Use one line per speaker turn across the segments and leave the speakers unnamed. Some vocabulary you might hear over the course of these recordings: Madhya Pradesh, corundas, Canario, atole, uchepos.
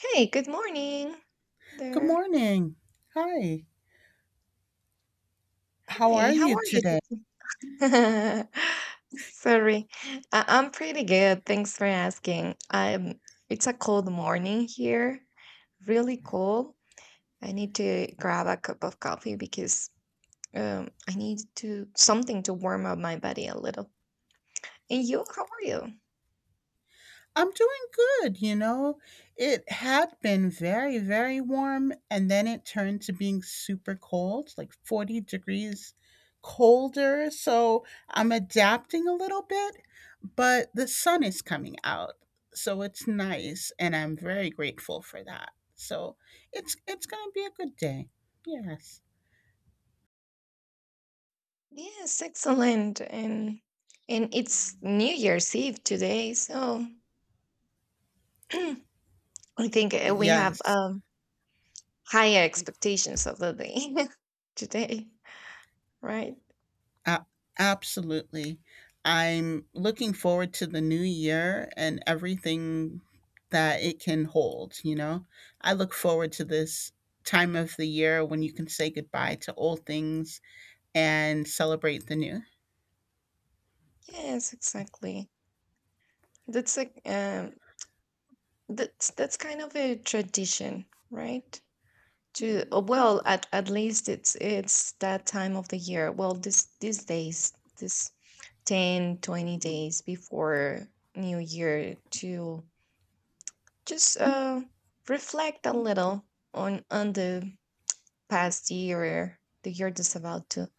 Hey, good morning
Good
there.
morning. Hi. How are
Hey, how
you
are you
today?
today? Sorry. I'm pretty good. Thanks for asking. I'm it's a cold morning here. Really cold. I need to grab a cup of coffee because I need to something to warm up my body a little. And you, how are you?
I'm doing good, you know. It had been very, very warm and then it turned to being super cold, like 40 degrees colder. So I'm adapting a little bit, but the sun is coming out. So it's nice and I'm very grateful for that. So it's going to be a good day. Yes.
Yes, excellent. And it's New Year's Eve today, so I think we have
Yes.
higher expectations of the day today, right?
A- absolutely. I'm looking forward to the new year and everything that it can hold, you know? I look forward to this time of the year when you can say goodbye to old things and celebrate the new.
Yes, exactly. That's like that's kind of a tradition, right? To well, at least it's that time of the year. Well, this these days, this 10, 20 days before new year to just reflect a little on the past year, the year that's about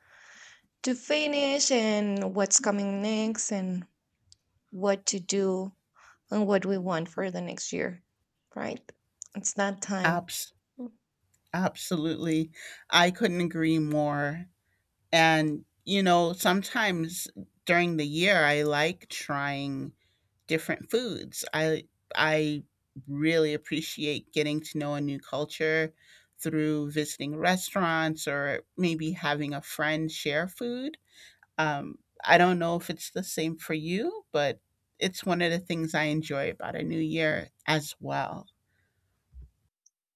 to finish, and what's coming next and what to do and what we want for the next year, right? It's that time.
Abs- absolutely. I couldn't agree more. And, you know, sometimes during the year, I like trying different foods. I really appreciate getting to know a new culture through visiting restaurants or maybe having a friend share food. Um, I don't know if it's the same for you, but it's one of the things I enjoy about a new year as well.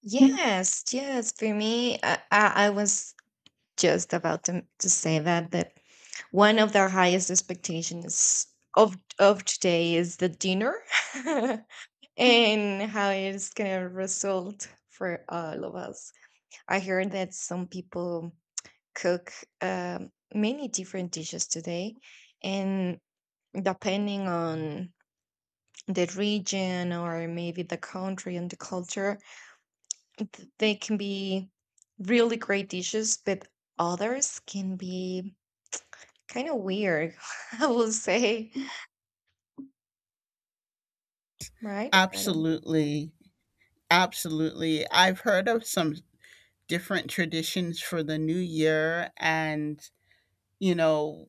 Yes, yes. For me, I was just about to say that one of the highest expectations of today is the dinner, and how it's gonna result for all of us. I heard that some people cook many different dishes today, and depending on the region or maybe the country and the culture, they can be really great dishes, but others can be kind of weird, I will say, right? I don't.
Absolutely. Absolutely. I've heard of some different traditions for the new year, and you know,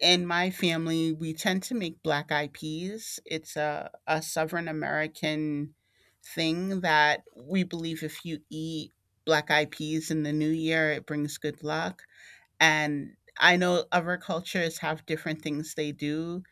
in my family, we tend to make black eyed peas. It's a Southern American thing that we believe if you eat black eyed peas in the new year, it brings good luck. And I know other cultures have different things they do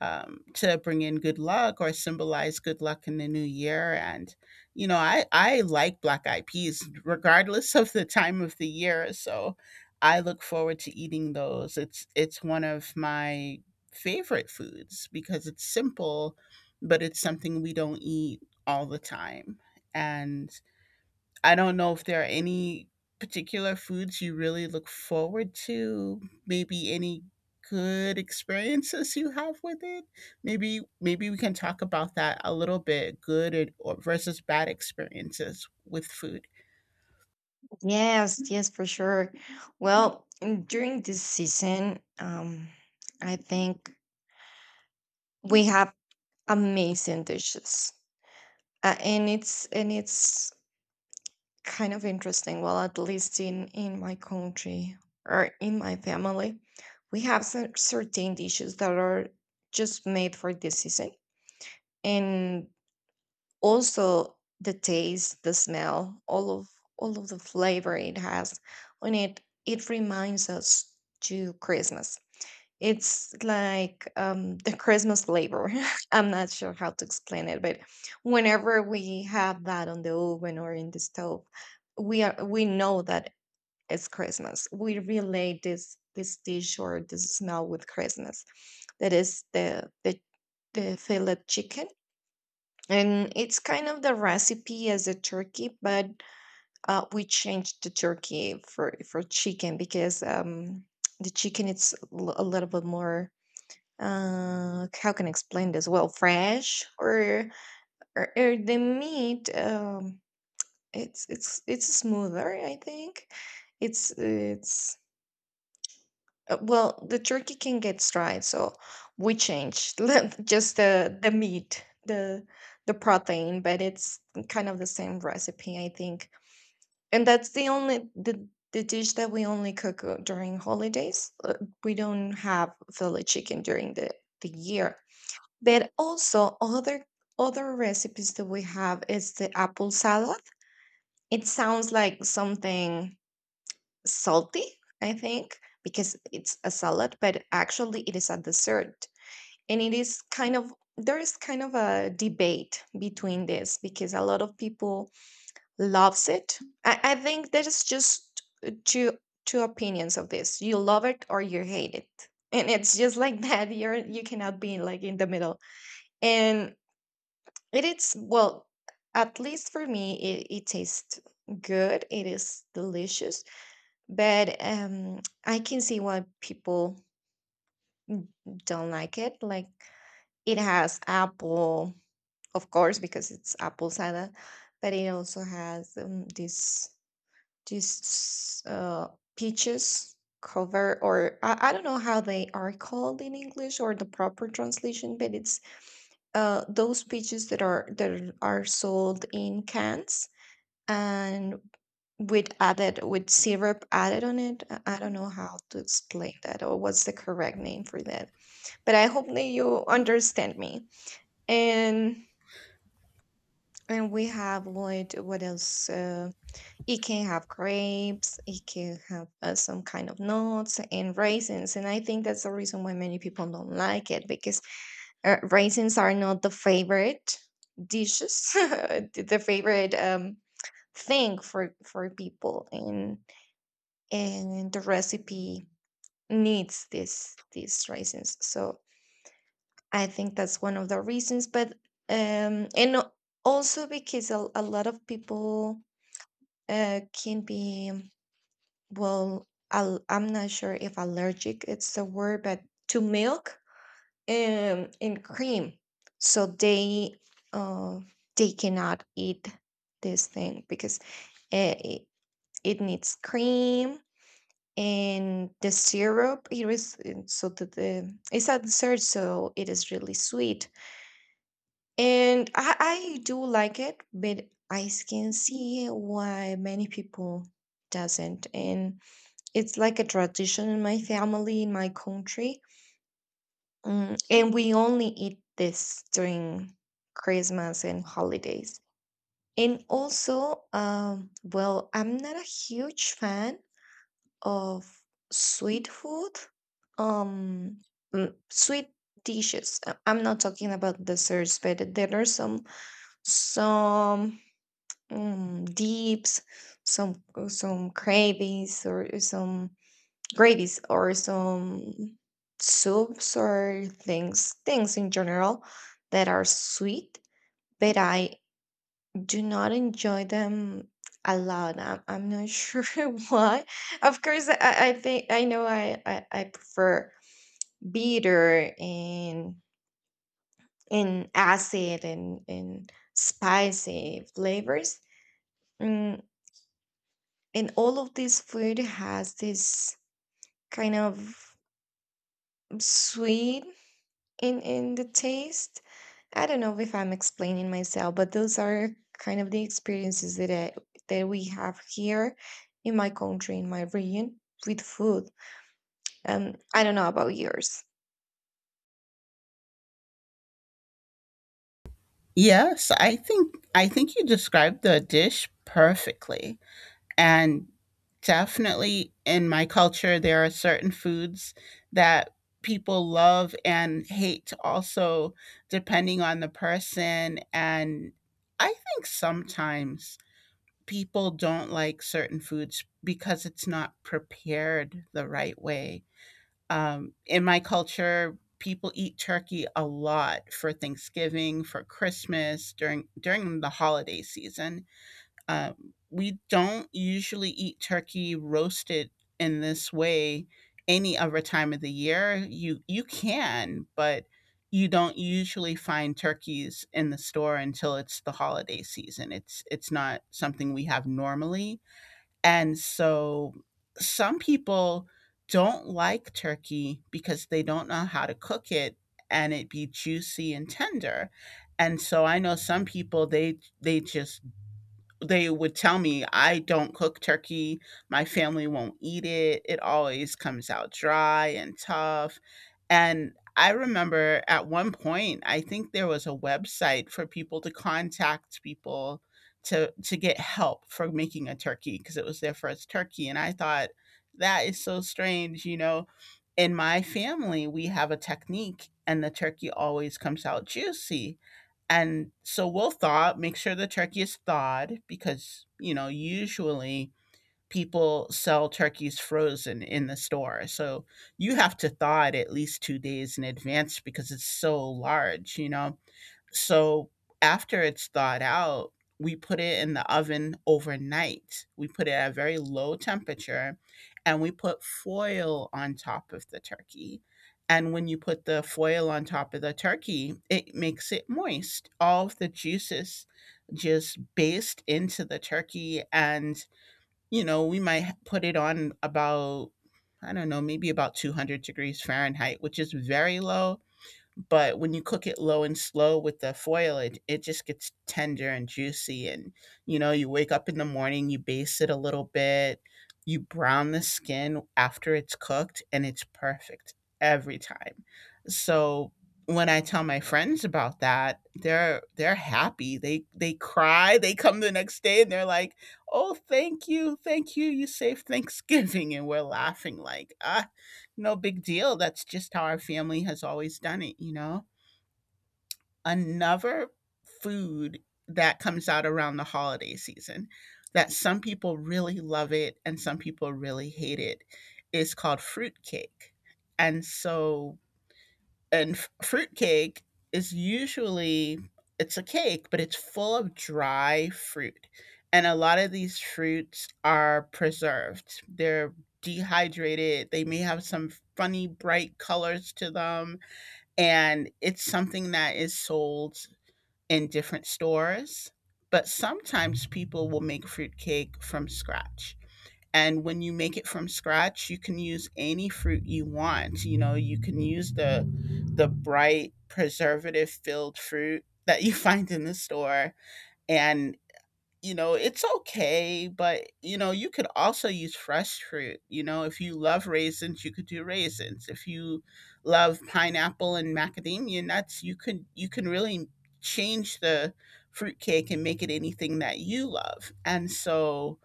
to bring in good luck or symbolize good luck in the new year. And, you know, I like black eyed peas regardless of the time of the year. So I look forward to eating those. It's one of my favorite foods because it's simple, but it's something we don't eat all the time. And I don't know if there are any particular foods you really look forward to, maybe any good experiences you have with it. Maybe we can talk about that a little bit, good and, or versus bad experiences with food.
Yes, yes, for sure. Well, during this season, I think we have amazing dishes. And it's kind of interesting. Well, at least in my country or in my family, we have certain dishes that are just made for this season, and also the taste, the smell, all of the flavor it has on it. It reminds us to Christmas. It's like the Christmas flavor. I'm not sure how to explain it, but whenever we have that on the oven or in the stove, we know that it's Christmas. We relate this dish or this smell with Christmas. That is the fillet chicken, and it's kind of the recipe as a turkey, but we changed the turkey for chicken because the chicken it's a little bit more, how can I explain this? Well, fresh or the meat. It's smoother. I think it's well, the turkey can get fried, so we changed just the meat, the protein, but it's kind of the same recipe, I think. And that's the dish that we only cook during holidays. We don't have Philly chicken during the year. But also other recipes that we have is the apple salad. It sounds like something salty, I think, because it's a salad, but actually it is a dessert. And it is kind of there is kind of a debate between this because a lot of people loves it. I think there's just two two opinions of this. You love it or you hate it. And it's just like that. You cannot be like in the middle. And it is, well, at least for me, it tastes good. It is delicious. But I can see why people don't like it. Like, it has apple, of course, because it's apple cider, but it also has this, peaches cover, or I don't know how they are called in English or the proper translation, but it's those peaches that are sold in cans and with syrup added on it. I don't know how to explain that or what's the correct name for that. But I hope that you understand me. And and we have what else? It can have grapes. It can have some kind of nuts and raisins. And I think that's the reason why many people don't like it because raisins are not the favorite dishes, the favorite thing for people. And the recipe needs this these raisins, so I think that's one of the reasons. But and also because a lot of people can be, well, I'm not sure if allergic it's the word, but to milk and cream, so uh they cannot eat this thing because uh, it, it needs cream and the syrup it was, and so the it's a dessert, so it is really sweet, and I do like it, but I can see why many people doesn't. And it's like a tradition in my family, in my country. And we only eat this during Christmas and holidays. And also, well, I'm not a huge fan of sweet food, um, sweet dishes. I'm not talking about desserts, but there are some dips, some gravies or some soups, or things in general that are sweet. But I do not enjoy them a lot. I'm not sure why. Of course, I think I know I prefer bitter and acid, and spicy flavors. Mm, and all of this food has this kind of sweet in the taste. I don't know if I'm explaining myself, but those are kind of the experiences that we have here in my country, in my region, with food. I don't know about yours.
Yes, I think you described the dish perfectly. And definitely in my culture, there are certain foods that people love and hate also, depending on the person. And I think sometimes people don't like certain foods because it's not prepared the right way. In my culture, people eat turkey a lot for Thanksgiving, for Christmas, during the holiday season, we don't usually eat turkey roasted in this way any other time of the year. You can, but you don't usually find turkeys in the store until it's the holiday season. It's not something we have normally. And so some people don't like turkey because they don't know how to cook it and it be juicy and tender. And so I know some people they would tell me, I don't cook turkey, my family won't eat it. It always comes out dry and tough. And I remember at one point, I think there was a website for people to contact people to get help for making a turkey because it was their first turkey, and I thought, that is so strange, you know. In my family, we have a technique and the turkey always comes out juicy. And so we'll thaw, make sure the turkey is thawed because, you know, usually people sell turkeys frozen in the store. So you have to thaw it at least 2 days in advance because it's so large, you know. So after it's thawed out, we put it in the oven overnight. We put it at a very low temperature and we put foil on top of the turkey. And when you put the foil on top of the turkey, it makes it moist. All of the juices just baste into the turkey. And, you know, we might put it on about, I don't know, maybe about 200 degrees Fahrenheit, which is very low, but when you cook it, low and slow with the foil it just gets tender and juicy, and you know, you wake up in the morning, you baste it a little bit, you brown the skin after it's cooked, and it's perfect every time. So when I tell my friends about that, they're happy, they cry, they come the next day, and they're like, oh, thank you, thank you, you saved Thanksgiving, and we're laughing like, ah, no big deal. That's just how our family has always done it, you know? Another food that comes out around the holiday season that some people really love it and some people really hate it is called fruitcake. And so, and fruitcake is usually, it's a cake but it's full of dry fruit, and a lot of these fruits are preserved, they're dehydrated, they may have some funny bright colors to them, and it's something that is sold in different stores, but sometimes people will make fruitcake from scratch. And when you make it from scratch, you can use any fruit you want. You know, you can use the bright preservative filled fruit that you find in the store. And you know, it's okay, but you know, you could also use fresh fruit. You know, if you love raisins, you could do raisins. If you love pineapple and macadamia nuts, you could, you can really change the fruitcake and make it anything that you love. And so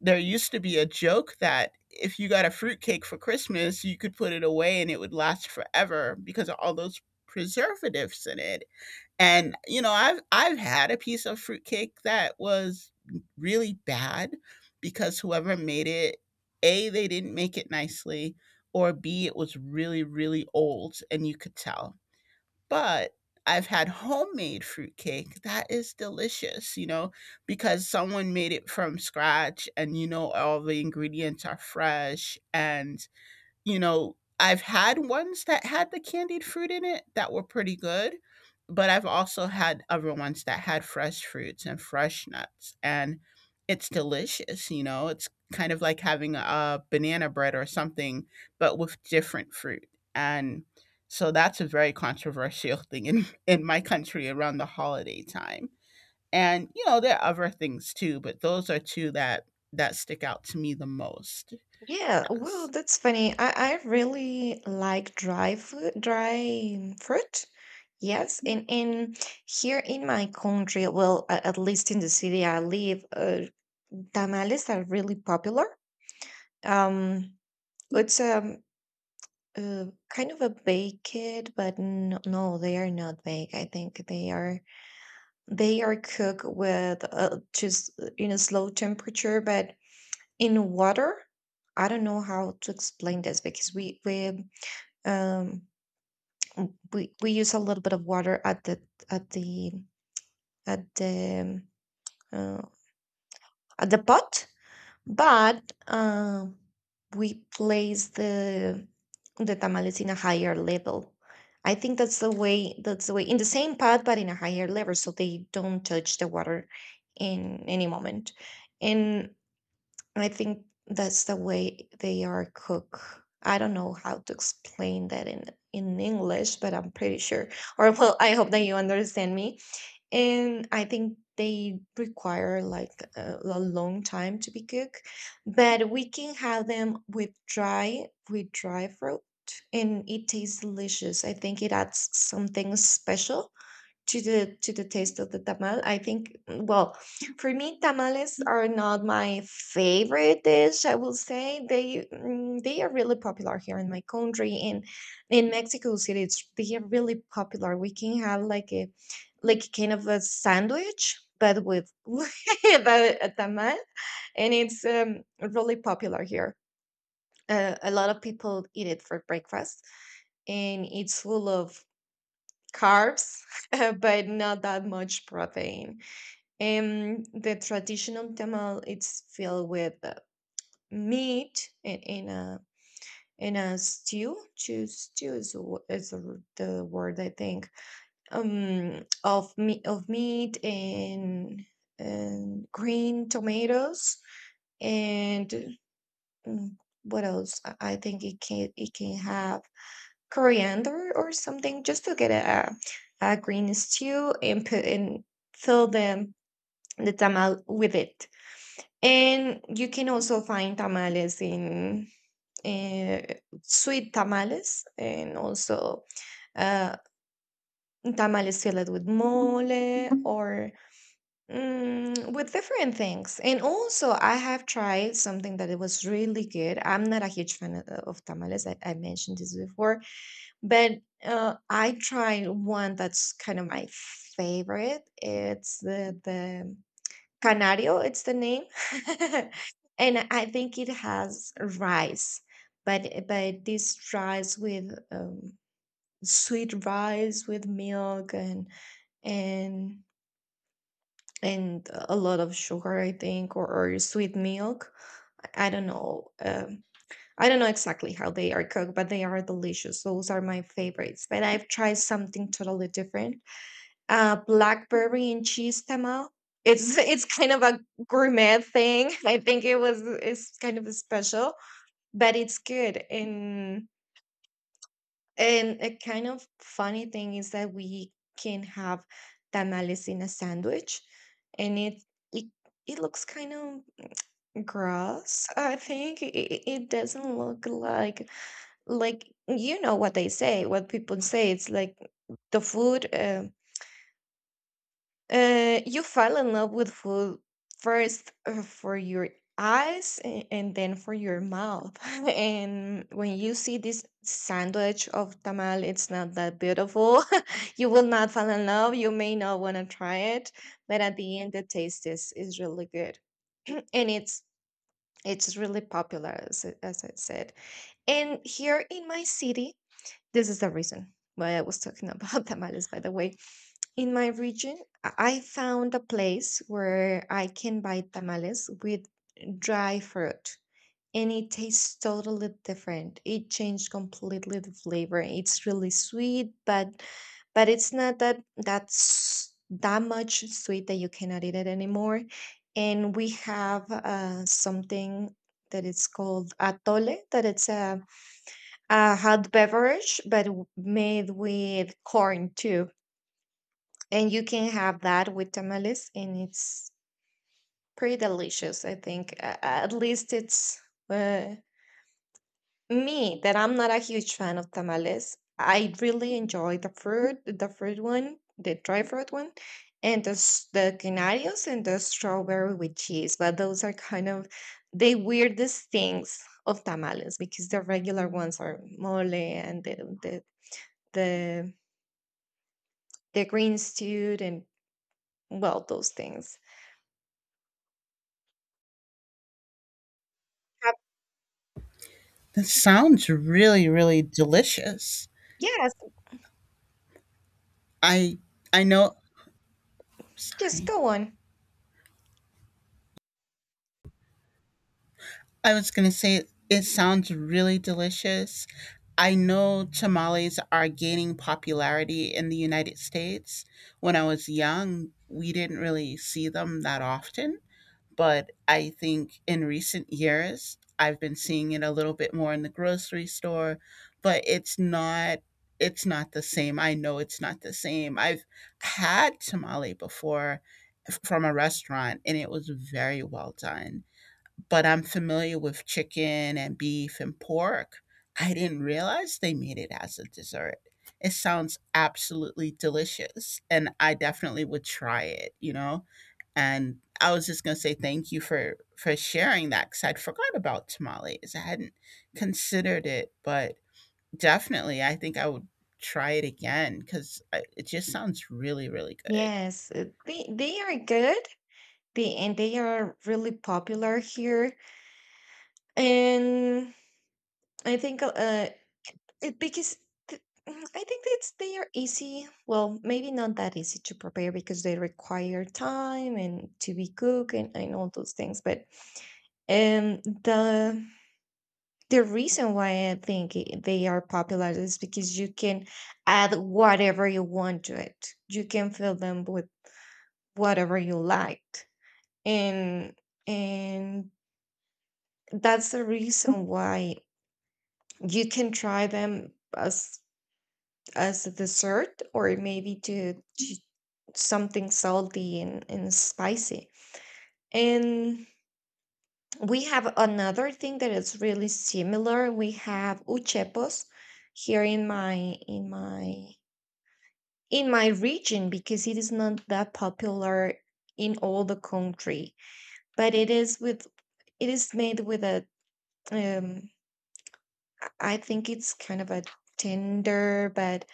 there used to be a joke that if you got a fruitcake for Christmas, you could put it away and it would last forever because of all those preservatives in it. And you know, I've had a piece of fruitcake that was really bad because whoever made it, A, they didn't make it nicely, or B, it was really, really old, and you could tell. But I've had homemade fruitcake that is delicious, you know, because someone made it from scratch and you know, all the ingredients are fresh. And you know, I've had ones that had the candied fruit in it that were pretty good, but I've also had other ones that had fresh fruits and fresh nuts. And it's delicious, you know, it's kind of like having a banana bread or something, but with different fruit. And so that's a very controversial thing in my country around the holiday time. And you know, there are other things too, but those are two that that stick out to me the most.
Yeah, well,
Yes.
that's funny. I really like dry food, dry fruit. Yes, and here in my country, well, at least in the city I live, tamales are really popular. Um, it's a, kind of a baked, but no, they are not baked. I think they are cooked with just in a slow temperature, but in water. I don't know how to explain this because we um w- we use a little bit of water at the at the um, uh, at the pot. But, we place the tamales in a higher level. I think that's the way, in the same pot but in a higher level, so they don't touch the water in any moment. And I think that's the way they are cooked. I don't know how to explain that in English, but I'm pretty sure. Or, well, I hope that you understand me, and I think they require like a long time to be cooked, but we can have them with dry fruit, and it tastes delicious. I think it adds something special to the taste of the tamal. I think, well, for me, tamales are not my favorite dish, I will say. They are really popular here in my country and in Mexico City. It's, they are really popular. We can have like a like kind of a sandwich, but with but a tamal, and it's really popular here. A lot of people eat it for breakfast, and it's full of carbs, but not that much protein. And the traditional tamal it's filled with meat in a stew. Chew stew is, is the word, I think. Of meat and green tomatoes, and mm, what else? I think it can have coriander or something just to get a green stew, and put and fill the tamal with it. And you can also find tamales in uh, sweet tamales, and also uh, tamales filled with mole, or with different things. And also, I have tried something that it was really good. I'm not a huge fan of tamales. I mentioned this before, but I tried one that's kind of my favorite. It's the Canario. It's the name. And I think it has rice, but this rice with sweet rice with milk, and and a lot of sugar, I think, or sweet milk. I don't know. I don't know exactly how they are cooked, but they are delicious. Those are my favorites. But I've tried something totally different. Blackberry and cheese tamal. It's it's kind of a gourmet thing. I think it's kind of special, but it's good. And a kind of funny thing is that we can have tamales in a sandwich, and it it looks kind of gross. I think it doesn't look like like what they say, what people say. It's like the food. You fall in love with food first, for your eyes, and then for your mouth. And when you see this sandwich of tamal, it's not that beautiful. You will not fall in love, you may not want to try it, but at the end, the taste is really good. And it's really popular, as, as I said, and here in my city. This is the reason why I was talking about tamales, by the way. In my region, I found a place where I can buy tamales with dry fruit, and it tastes totally different. It changed completely the flavor. It's really sweet, but it's not that that much sweet that you cannot eat it anymore. And we have something that is called atole, that it's a hot beverage, but made with corn too. And you can have that with tamales, and it's pretty delicious. I think, at least it's uh, me, that I'm not a huge fan of tamales. I really enjoy the fruit one, the dry fruit one, and the the canarios and the strawberry with cheese. But those are kind of the weirdest things of tamales, because the regular ones are mole and the the the green stewed and, well, those things.
That sounds really, really delicious.
Yes,
I I know,
just
sorry.
go on.
I was gonna say it sounds really delicious. I know tamales are gaining popularity in the United States. When I was young, we didn't really see them that often, but I think in recent years I've been seeing it a little bit more in the grocery store, but it's not the same. I know it's not the same. I've had tamale before from a restaurant and it was very well done, but I'm familiar with chicken and beef and pork. I didn't realize they made it as a dessert. It sounds absolutely delicious, and I definitely would try it, you know? And I was just going to say thank you for sharing that cuz I'd forgot about tamales. I hadn't considered it, but definitely I think I would try it again cuz it just sounds really really good.
Yes, they are good. They, and they are really popular here, and I think it, because th- I think it's they are easy. Well, maybe not that easy to prepare because they require time and to be cooked and all those things. But um the The reason why I think they are popular is because you can add whatever you want to it. You can fill them with whatever you liked. And and that's the reason why you can try them as a dessert, or maybe to something salty and spicy. And we have another thing that is really similar. We have uchepos here in my in my in my region, because it is not that popular in all the country, but it is with it is made with a um I think it's kind of a tender,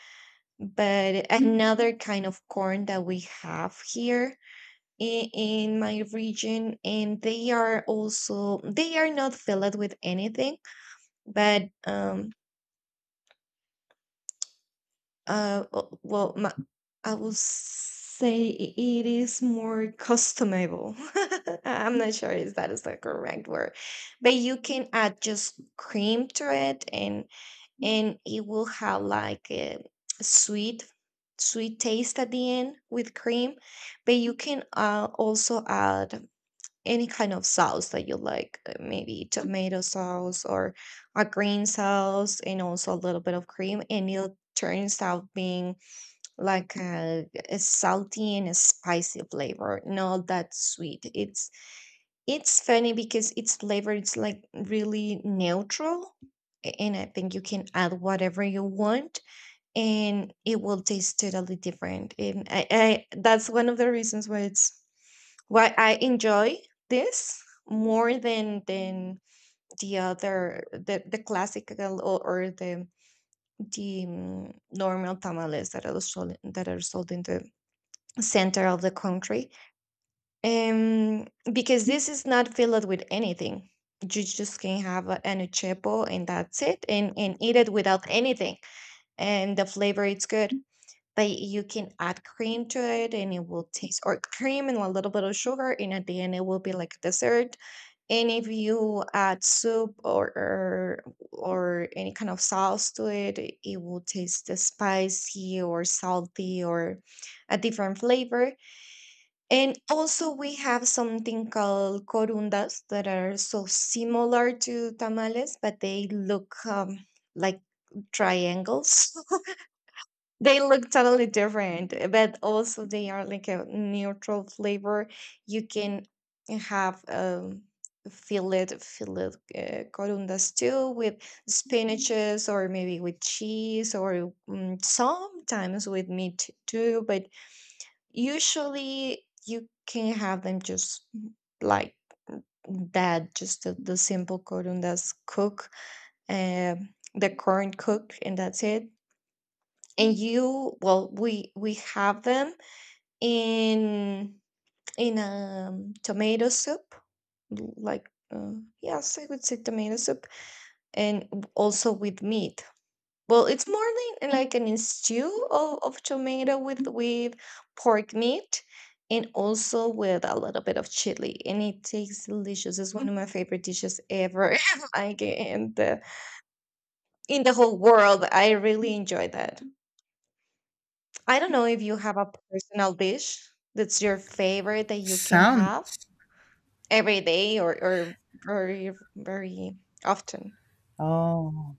but another kind of corn that we have here in my region, and they are also they are not filled with anything, but well, my, I would say it is more customable. I'm not sure if that is the correct word, but you can add just cream to it, and it will have like a sweet sweet taste at the end with cream. But you can, also add any kind of sauce that you like, maybe tomato sauce or a green sauce, and also a little bit of cream, and it turns out being like a salty and a spicy flavor, not that sweet. It's funny because its flavor is like really neutral, and I think you can add whatever you want, and it will taste totally different. And I, that's one of the reasons why it's why I enjoy this more than the other, the classical, or the, normal tamales that are sold, in the center of the country, um, because this is not filled with anything. You just can have a, an achepo and that's it, and eat it without anything, and the flavor it's good. But you can add cream to it and it will taste, or cream and a little bit of sugar, and at the end it will be like a dessert. And if you add soup or any kind of sauce to it, it will taste the spicy or salty, or a different flavor. And also, we have something called corundas that are so similar to tamales, but they look, like, triangles. They look totally different, but also they are like a neutral flavor. You can have, fillet, corundas too, with spinaches or maybe with cheese or, sometimes with meat too. But usually, you can have them just, like that, just the simple cordon that's cook, um, the corn cook, and that's it. And you, well, we have them in in, tomato soup, like, yes, I would say tomato soup, and also with meat. Well, it's more like an stew of tomato with pork meat, and also with a little bit of chili, and it tastes delicious. It's one of my favorite dishes ever, like in the whole world. I really enjoy that. I don't know if you have a personal dish that's your favorite that you can have
Sounds
every day, or very often.
Oh.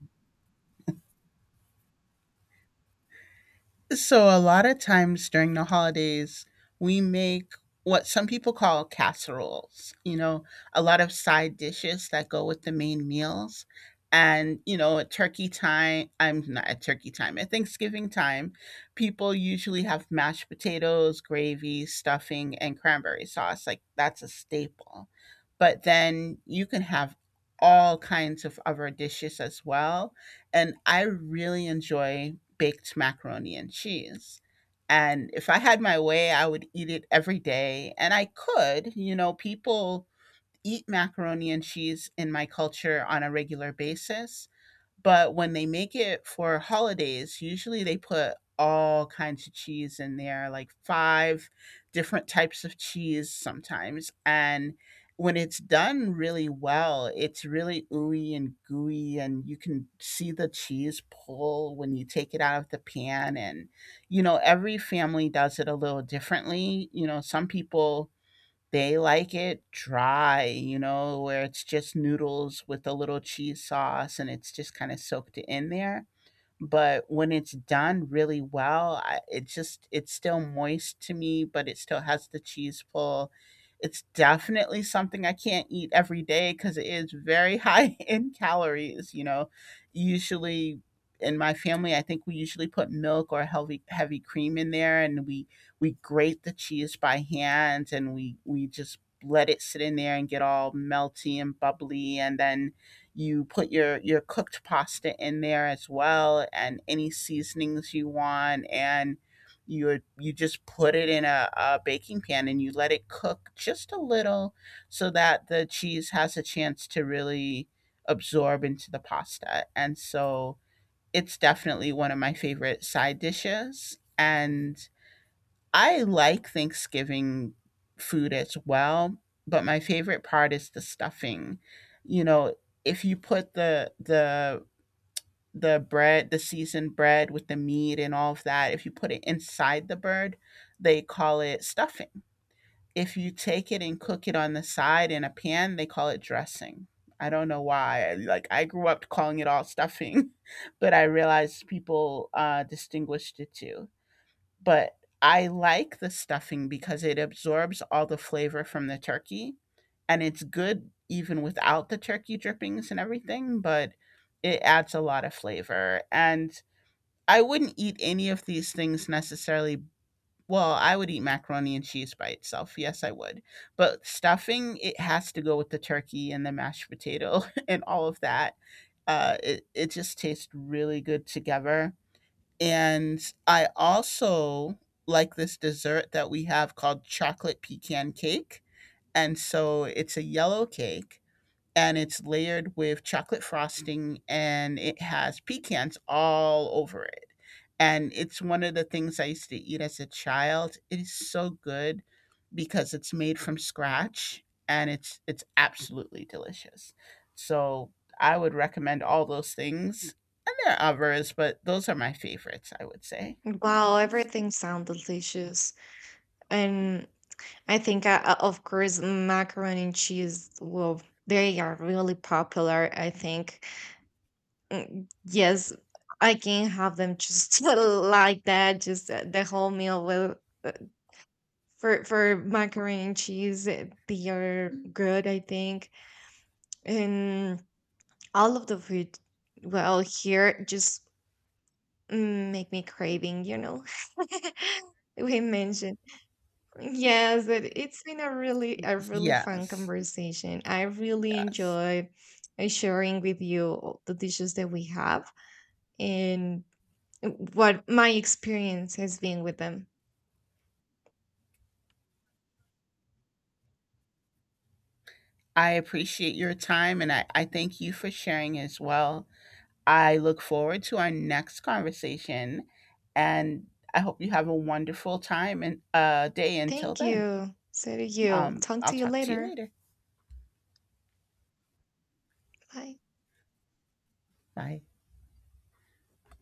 So, a lot of times during the holidays, we make what some people call casseroles, you know, a lot of side dishes that go with the main meals. And, you know, at turkey time, I'm not at turkey time, at Thanksgiving time, people usually have mashed potatoes, gravy, stuffing, and cranberry sauce. Like, that's a staple. But then you can have all kinds of other dishes as well. And I really enjoy baked macaroni and cheese. And if I had my way, I would eat it every day. And I could, you know, people eat macaroni and cheese in my culture on a regular basis. But when they make it for holidays, usually they put all kinds of cheese in there, like five different types of cheese sometimes. And when it's done really well, it's really ooey and gooey, and you can see the cheese pull when you take it out of the pan. And, you know, every family does it a little differently. You know, some people, they like it dry, you know, where it's just noodles with a little cheese sauce and it's just kinda soaked in there, but when it's done really well, I, it just it's still moist to me but it still has the cheese pull. It's definitely something I can't eat every day because it is very high in calories, you know. Usually in my family I think we usually put milk or heavy cream in there, and we grate the cheese by hand, and we just let it sit in there and get all melty and bubbly, and then you put your cooked pasta in there as well, and any seasonings you want. And you just put it in a baking pan, and you let it cook just a little so that the cheese has a chance to really absorb into the pasta. And so it's definitely one of my favorite side dishes. And I like Thanksgiving food as well, but my favorite part is the stuffing. You know, if you put the bread, the seasoned bread with the meat and all of that, if you put it inside the bird, they call it stuffing. If you take it and cook it on the side in a pan, they call it dressing. I don't know why. Like I grew up calling it all stuffing, but I realized people distinguished the two. But I like the stuffing because it absorbs all the flavor from the turkey, and it's good even without the turkey drippings and everything, but it adds a lot of flavor. And I wouldn't eat any of these things necessarily, well, I would eat macaroni and cheese by itself, yes, I would, but stuffing, it has to go with the turkey and the mashed potato and all of that. It just tastes really good together. And I also like this dessert that we have called chocolate pecan cake. And so it's a yellow cake and it's layered with chocolate frosting and it has pecans all over it. And it's one of the things I used to eat as a child. It is so good because it's made from scratch, and it's absolutely delicious. So I would recommend all those things. And there are others, but those are my favorites, I would say.
Wow,
Yes.
everything sounds delicious. And I think, of course, macaroni and cheese, well, they are really popular, I think. Yes, I can have them just like that, just, the whole meal with. For macaroni and cheese, eh, they are, good, I think. And all of the food, well, here just, make me craving, you know. We mentioned. Yes, it's been a really fun
Yes.
conversation. I really
Yes.
enjoyed sharing with you all the dishes that we have, and what my experience has been with them.
I appreciate your time, and I thank you for sharing as well. I look forward to our next conversation. And I hope you have a wonderful time and day until
Thank
then.
you. So do you. Talk
I'll
to you
talk to you
later.
later.
Bye.
Bye.